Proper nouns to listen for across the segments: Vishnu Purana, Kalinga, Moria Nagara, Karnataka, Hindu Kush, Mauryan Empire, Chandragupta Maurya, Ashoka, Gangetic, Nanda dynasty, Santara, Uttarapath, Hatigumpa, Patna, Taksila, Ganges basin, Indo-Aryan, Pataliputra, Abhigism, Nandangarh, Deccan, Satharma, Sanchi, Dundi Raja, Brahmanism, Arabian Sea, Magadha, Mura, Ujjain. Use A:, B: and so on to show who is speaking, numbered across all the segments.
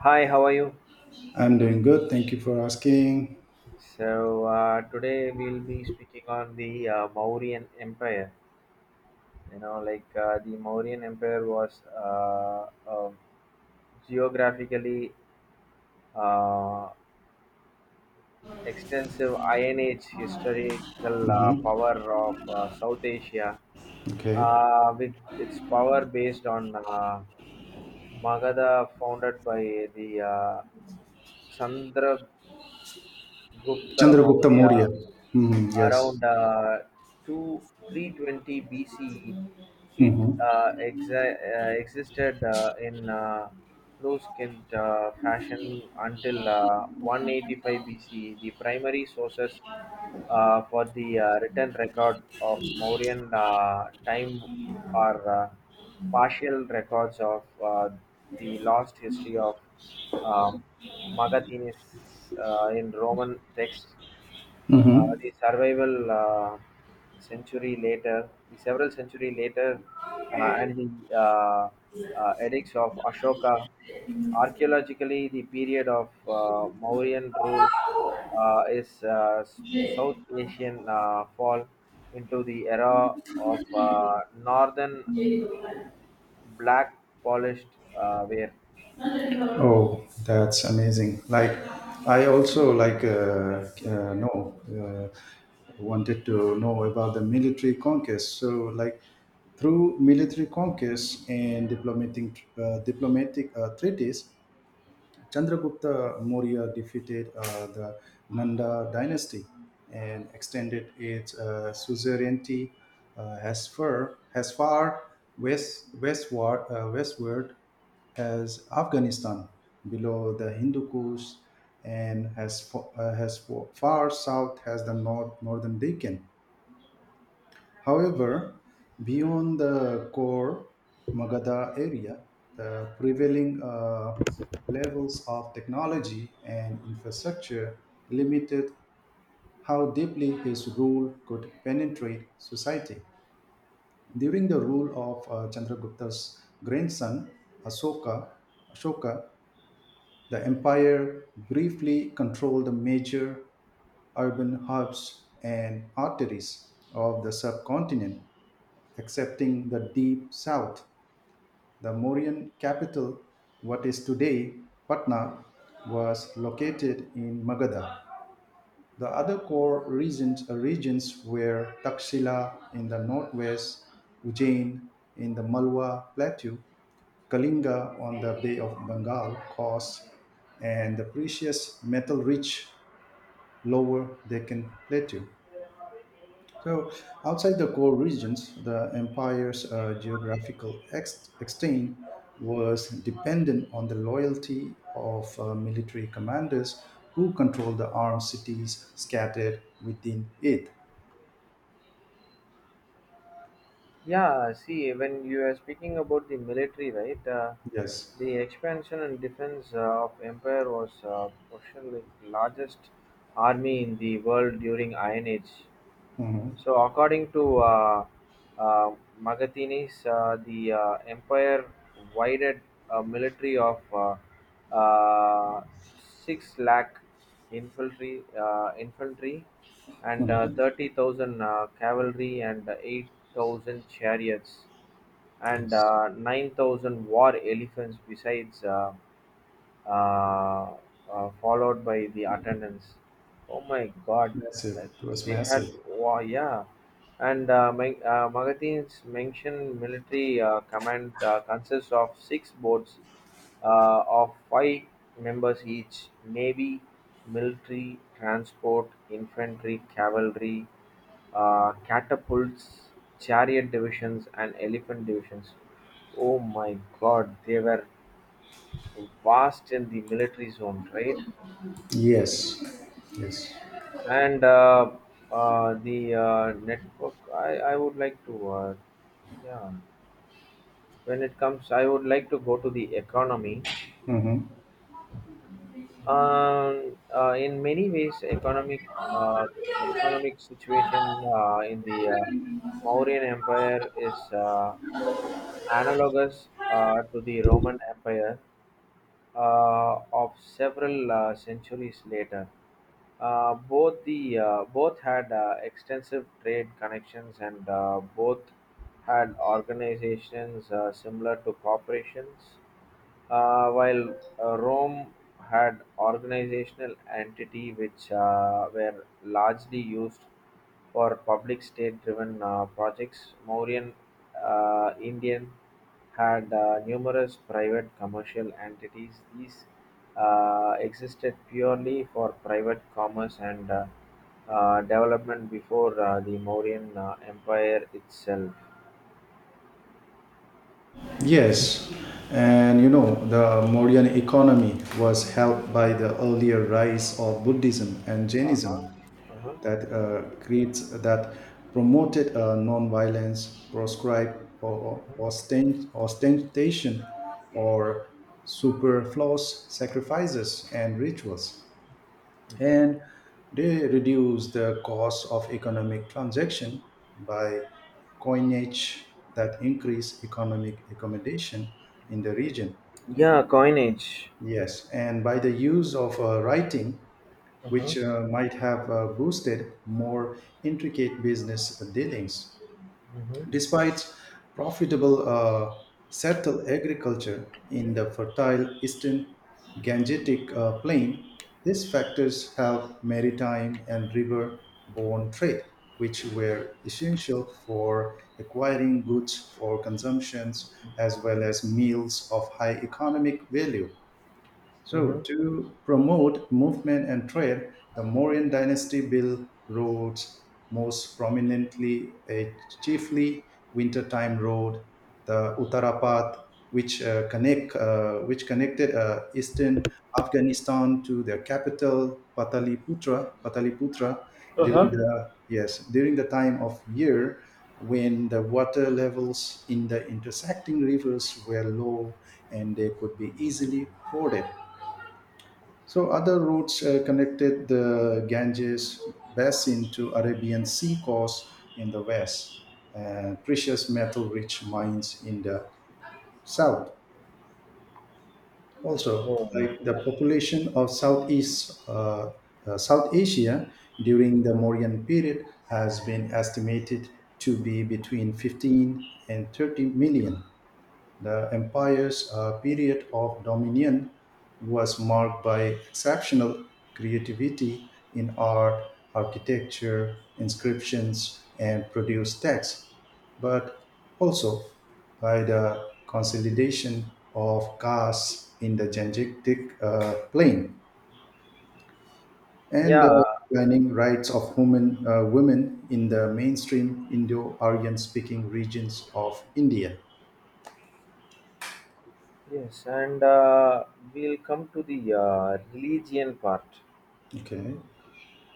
A: Hi, how are you?
B: I'm doing good. Thank you for asking.
A: So today we'll be speaking on the Mauryan Empire. Like the Mauryan Empire was a geographically uh, extensive Iron Age historical
B: Mm-hmm.
A: power of South Asia,
B: Okay.
A: with its power based on Magadha, founded by the Chandra Gupta
B: Chandragupta
A: Maurya
B: Maurya. Mm, yes.
A: around 2 320 BCE. It
B: Mm-hmm.
A: existed in skint fashion until 185 BCE. The primary sources for the written record of Mauryan time are partial records of the lost history of um, Magathenes in Roman text.
B: Mm-hmm.
A: The survival century later, the several century later, and the uh, edicts of Ashoka. Archaeologically, the period of Mauryan rule is South Asian fall into the era of northern black polished wear.
B: Oh, that's amazing. Like, I also like know wanted to know about the military conquest. So, like, through military conquests and diplomatic treaties, Chandragupta Maurya defeated the Nanda dynasty and extended its suzerainty as far westward as Afghanistan below the Hindu Kush, and as far south as the northern Deccan. However, beyond the core Magadha area, the prevailing levels of technology and infrastructure limited how deeply his rule could penetrate society. During the rule of Chandragupta's grandson, Ashoka, Ashoka, the empire briefly controlled the major urban hubs and arteries of the subcontinent, excepting the deep south. The Mauryan capital, what is today Patna, was located in Magadha. The other core regions were Taksila in the northwest, Ujjain in the Malwa plateau, Kalinga on the Bay of Bengal coast, and the precious metal rich lower Deccan plateau. So, outside the core regions, the empire's geographical extent was dependent on the loyalty of military commanders who controlled the armed cities scattered within it.
A: Yeah, see, when you are speaking about the military, right? Uh,
B: Yes.
A: the expansion and defense of empire was probably the largest army in the world during Iron Age.
B: Hmm.
A: So, according to uh, Magathenes, the empire wided a military of uh, 6 lakh infantry, and
B: Hmm.
A: 30,000 cavalry, and 8,000 chariots, and
B: Yes.
A: 9,000 war elephants besides. Uh, Followed by the attendance. Oh my God,
B: Massive.
A: that
B: It was
A: they had,
B: massive.
A: wow, yeah. And magazines mention military command consists of six boards of five members each: navy, military, transport, infantry, cavalry, catapults, chariot divisions, and elephant divisions. Oh my God, they were vast in the military zone, right?
B: Yes. Yes.
A: And the I would like to, yeah, when it comes, I would like to go to the economy.
B: Hmm.
A: In many ways, uh, economic situation in the Mauryan Empire is analogous to the Roman Empire of several centuries later. Both had extensive trade connections, and both had organizations similar to corporations. While Rome had organizational entity which were largely used for public state-driven projects, Mauryan Indian had numerous private commercial entities; these existed purely for private commerce and development before the Mauryan Empire itself.
B: Yes, and the Mauryan economy was helped by the earlier rise of Buddhism and Jainism
A: Uh-huh.
B: that promoted non-violence, proscribed or ostentation or superfluous sacrifices and rituals,
A: Uh-huh.
B: and they reduce the cost of economic transaction by coinage that increase economic accommodation in the region.
A: Yeah, coinage.
B: Yes, and by the use of writing,
A: Uh-huh.
B: which might have boosted more intricate business dealings.
A: Uh-huh.
B: Despite profitable settled agriculture in the fertile eastern Gangetic plain, these factors helped maritime and river borne trade, which were essential for acquiring goods for consumptions as well as meals of high economic value. So,
A: Mhm.
B: to promote movement and trade, the Mauryan dynasty built roads, most prominently a chiefly wintertime road, the Uttarapath, which connected eastern Afghanistan to their capital Pataliputra. Pataliputra during
A: Uh-huh.
B: the yes during the time of year when the water levels in the intersecting rivers were low and they could be easily forded. So other routes connected the Ganges basin to Arabian Sea coast in the west, and precious metal-rich mines in the south. Also,
A: Mm.
B: like the population of South Asia during the Mauryan period has been estimated to be between 15 and 30 million. The empire's period of dominion was marked by exceptional creativity in art, architecture, inscriptions, and produced texts, but also by the consolidation of castes in the Gangetic plain, and the
A: Yeah.
B: declining rights of women in the mainstream Indo-Aryan speaking regions of India.
A: Yes, and we'll come to the religion part.
B: Okay.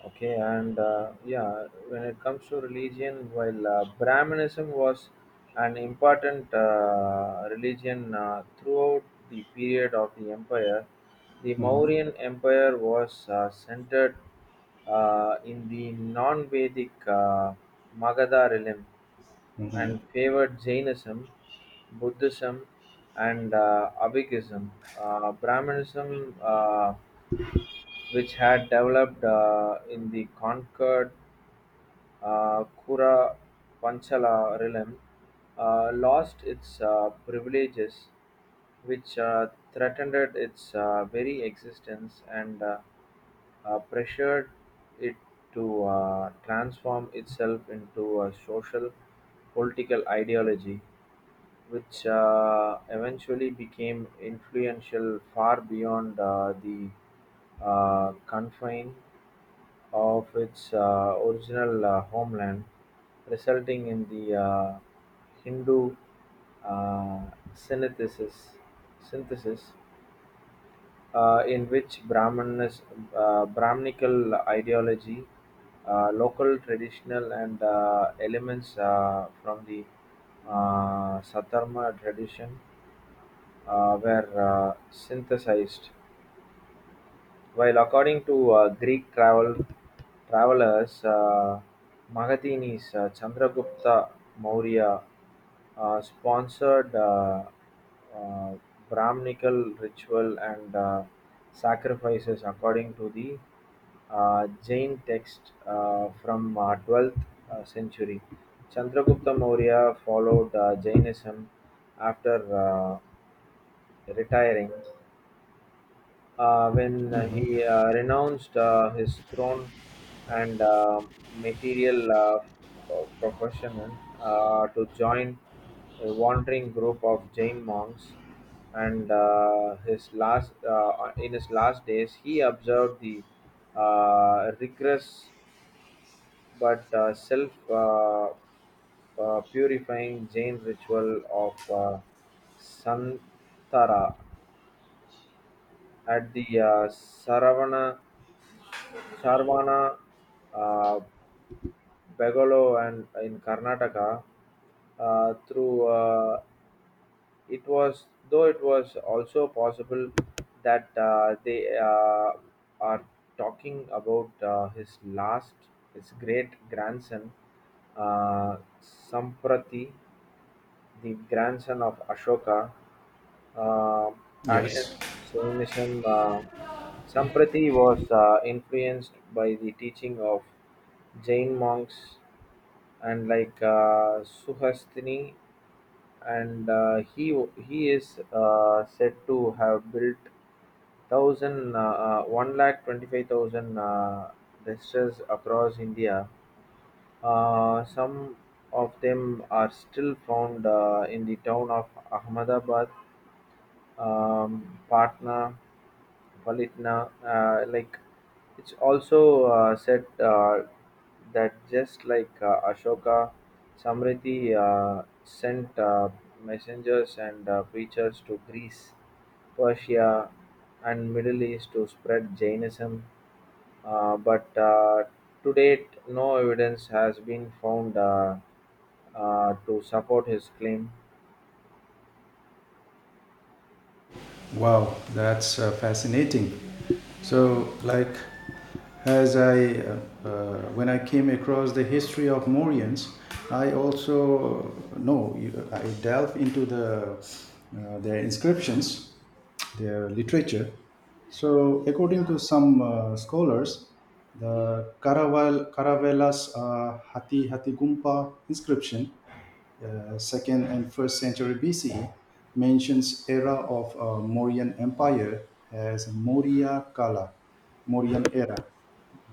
A: Okay, and yeah, when it comes to religion, while Brahmanism was an important religion throughout the period of the empire, the
B: Mhm.
A: Mauryan Empire was centered in the non Vedic Magadha realm, and
B: Mhm.
A: favored Jainism, Buddhism, and Abhigism. Brahmanism, which had developed in the Concord Kura Panchala realm, lost its privileges, which threatened its very existence, and pressured it to transform itself into a social political ideology, which eventually became influential far beyond the confine of its original homeland, resulting in the Hindu uh, synthesis, synthesis, in which Brahminical ideology, local traditional and elements from the Satharma tradition were synthesized. While according to Greek travelers, Magadinis, Chandragupta Maurya sponsored uh, Brahminical ritual and sacrifices according to the Jain text from 12th century. Chandragupta Maurya followed Jainism after retiring, when he
B: Mhm.
A: renounced his throne and material profession to join a wandering group of Jain monks. And in his last days, he observed the rigorous but self purifying Jain ritual of Santara at the Saravana Sarvana, uh, Begolo, and in Karnataka. Through it was though it was also possible that they are talking about his great grandson, uh, Samprati, the grandson of Ashoka, uh, passion
B: Yes.
A: Jainism. Uh, Samprati was influenced by the teaching of Jain monks, and like Suhasthini, and he is said to have built thousand one lakh 25,000 restas across India. Some of them are still found in the town of Ahmedabad, Patna, Valitna. Uh, like it's also said that just like Ashoka, Samriti sent messengers and preachers to Greece, Persia, and Middle East to spread Jainism. But to date, no evidence has been found to support his claim.
B: Wow, that's fascinating. So, like, as I, uh, when I came across the history of Morians, I also know you- I delve into their inscriptions, their literature. So, according to some scholars, the Caravela's Hatigumpa inscription second and first century BC mentions era of Mauryan Empire as Maurya Kala, Mauryan era.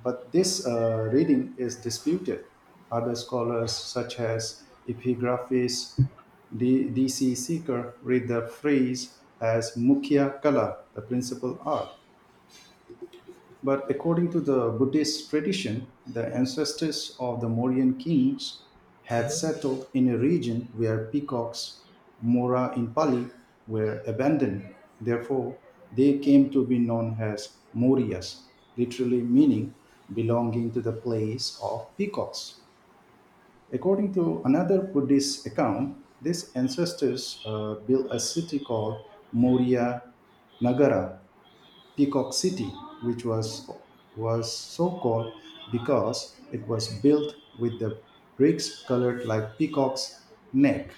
B: But this reading is disputed. Other scholars such as epigraphist D.C. Seeker read the phrase as Mukhya Kala, the principal art, but according to the Buddhist tradition, the ancestors of the Mauryan kings had
A: Hmm.
B: settled in a region where peacocks, mora in Pali, were abandoned. Therefore, they came to be known as Morias, literally meaning belonging to the place of peacocks. According to another Buddhist account, these ancestors built a city called Moria Nagara Peacock City, which was so called because it was built with the bricks colored like peacock's neck.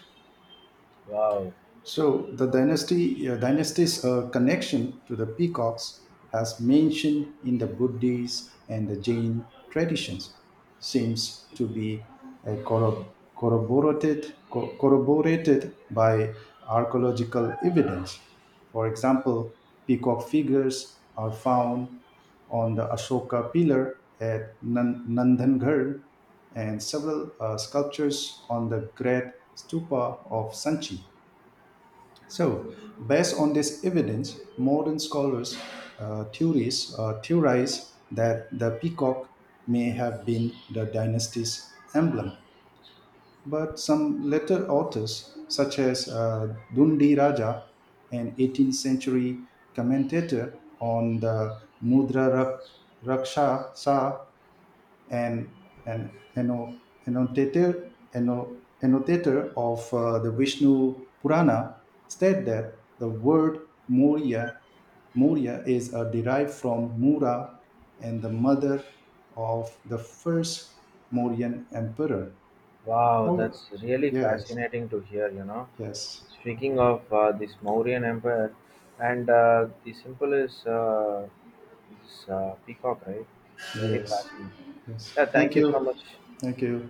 A: Wow,
B: So the dynasty's connection to the peacocks has mentioned in the Buddhist and the Jain traditions seems to be corroborated by archaeological evidence. For example, peacock figures are found on the Ashoka pillar at Nandangarh and several sculptures on the great stupa of Sanchi. So, based on this evidence, modern scholars theories theorize that the peacock may have been the dynasty's emblem. But some later authors, such as Dundi Raja, an 18th century commentator on the Mudra Raksha an, an annotator of the Vishnu Purana, state that the word Maurya, Maurya is derived from Mura and the mother of the first Mauryan emperor.
A: wow,
B: Oh,
A: that's really
B: yes,
A: fascinating to hear.
B: yes,
A: Speaking of this Mauryan Empire, and the simple is this peacock, right? It's very
B: yes,
A: fascinating.
B: yes.
A: Yeah, thank
B: Thank
A: you so
B: you.
A: much.
B: Thank you.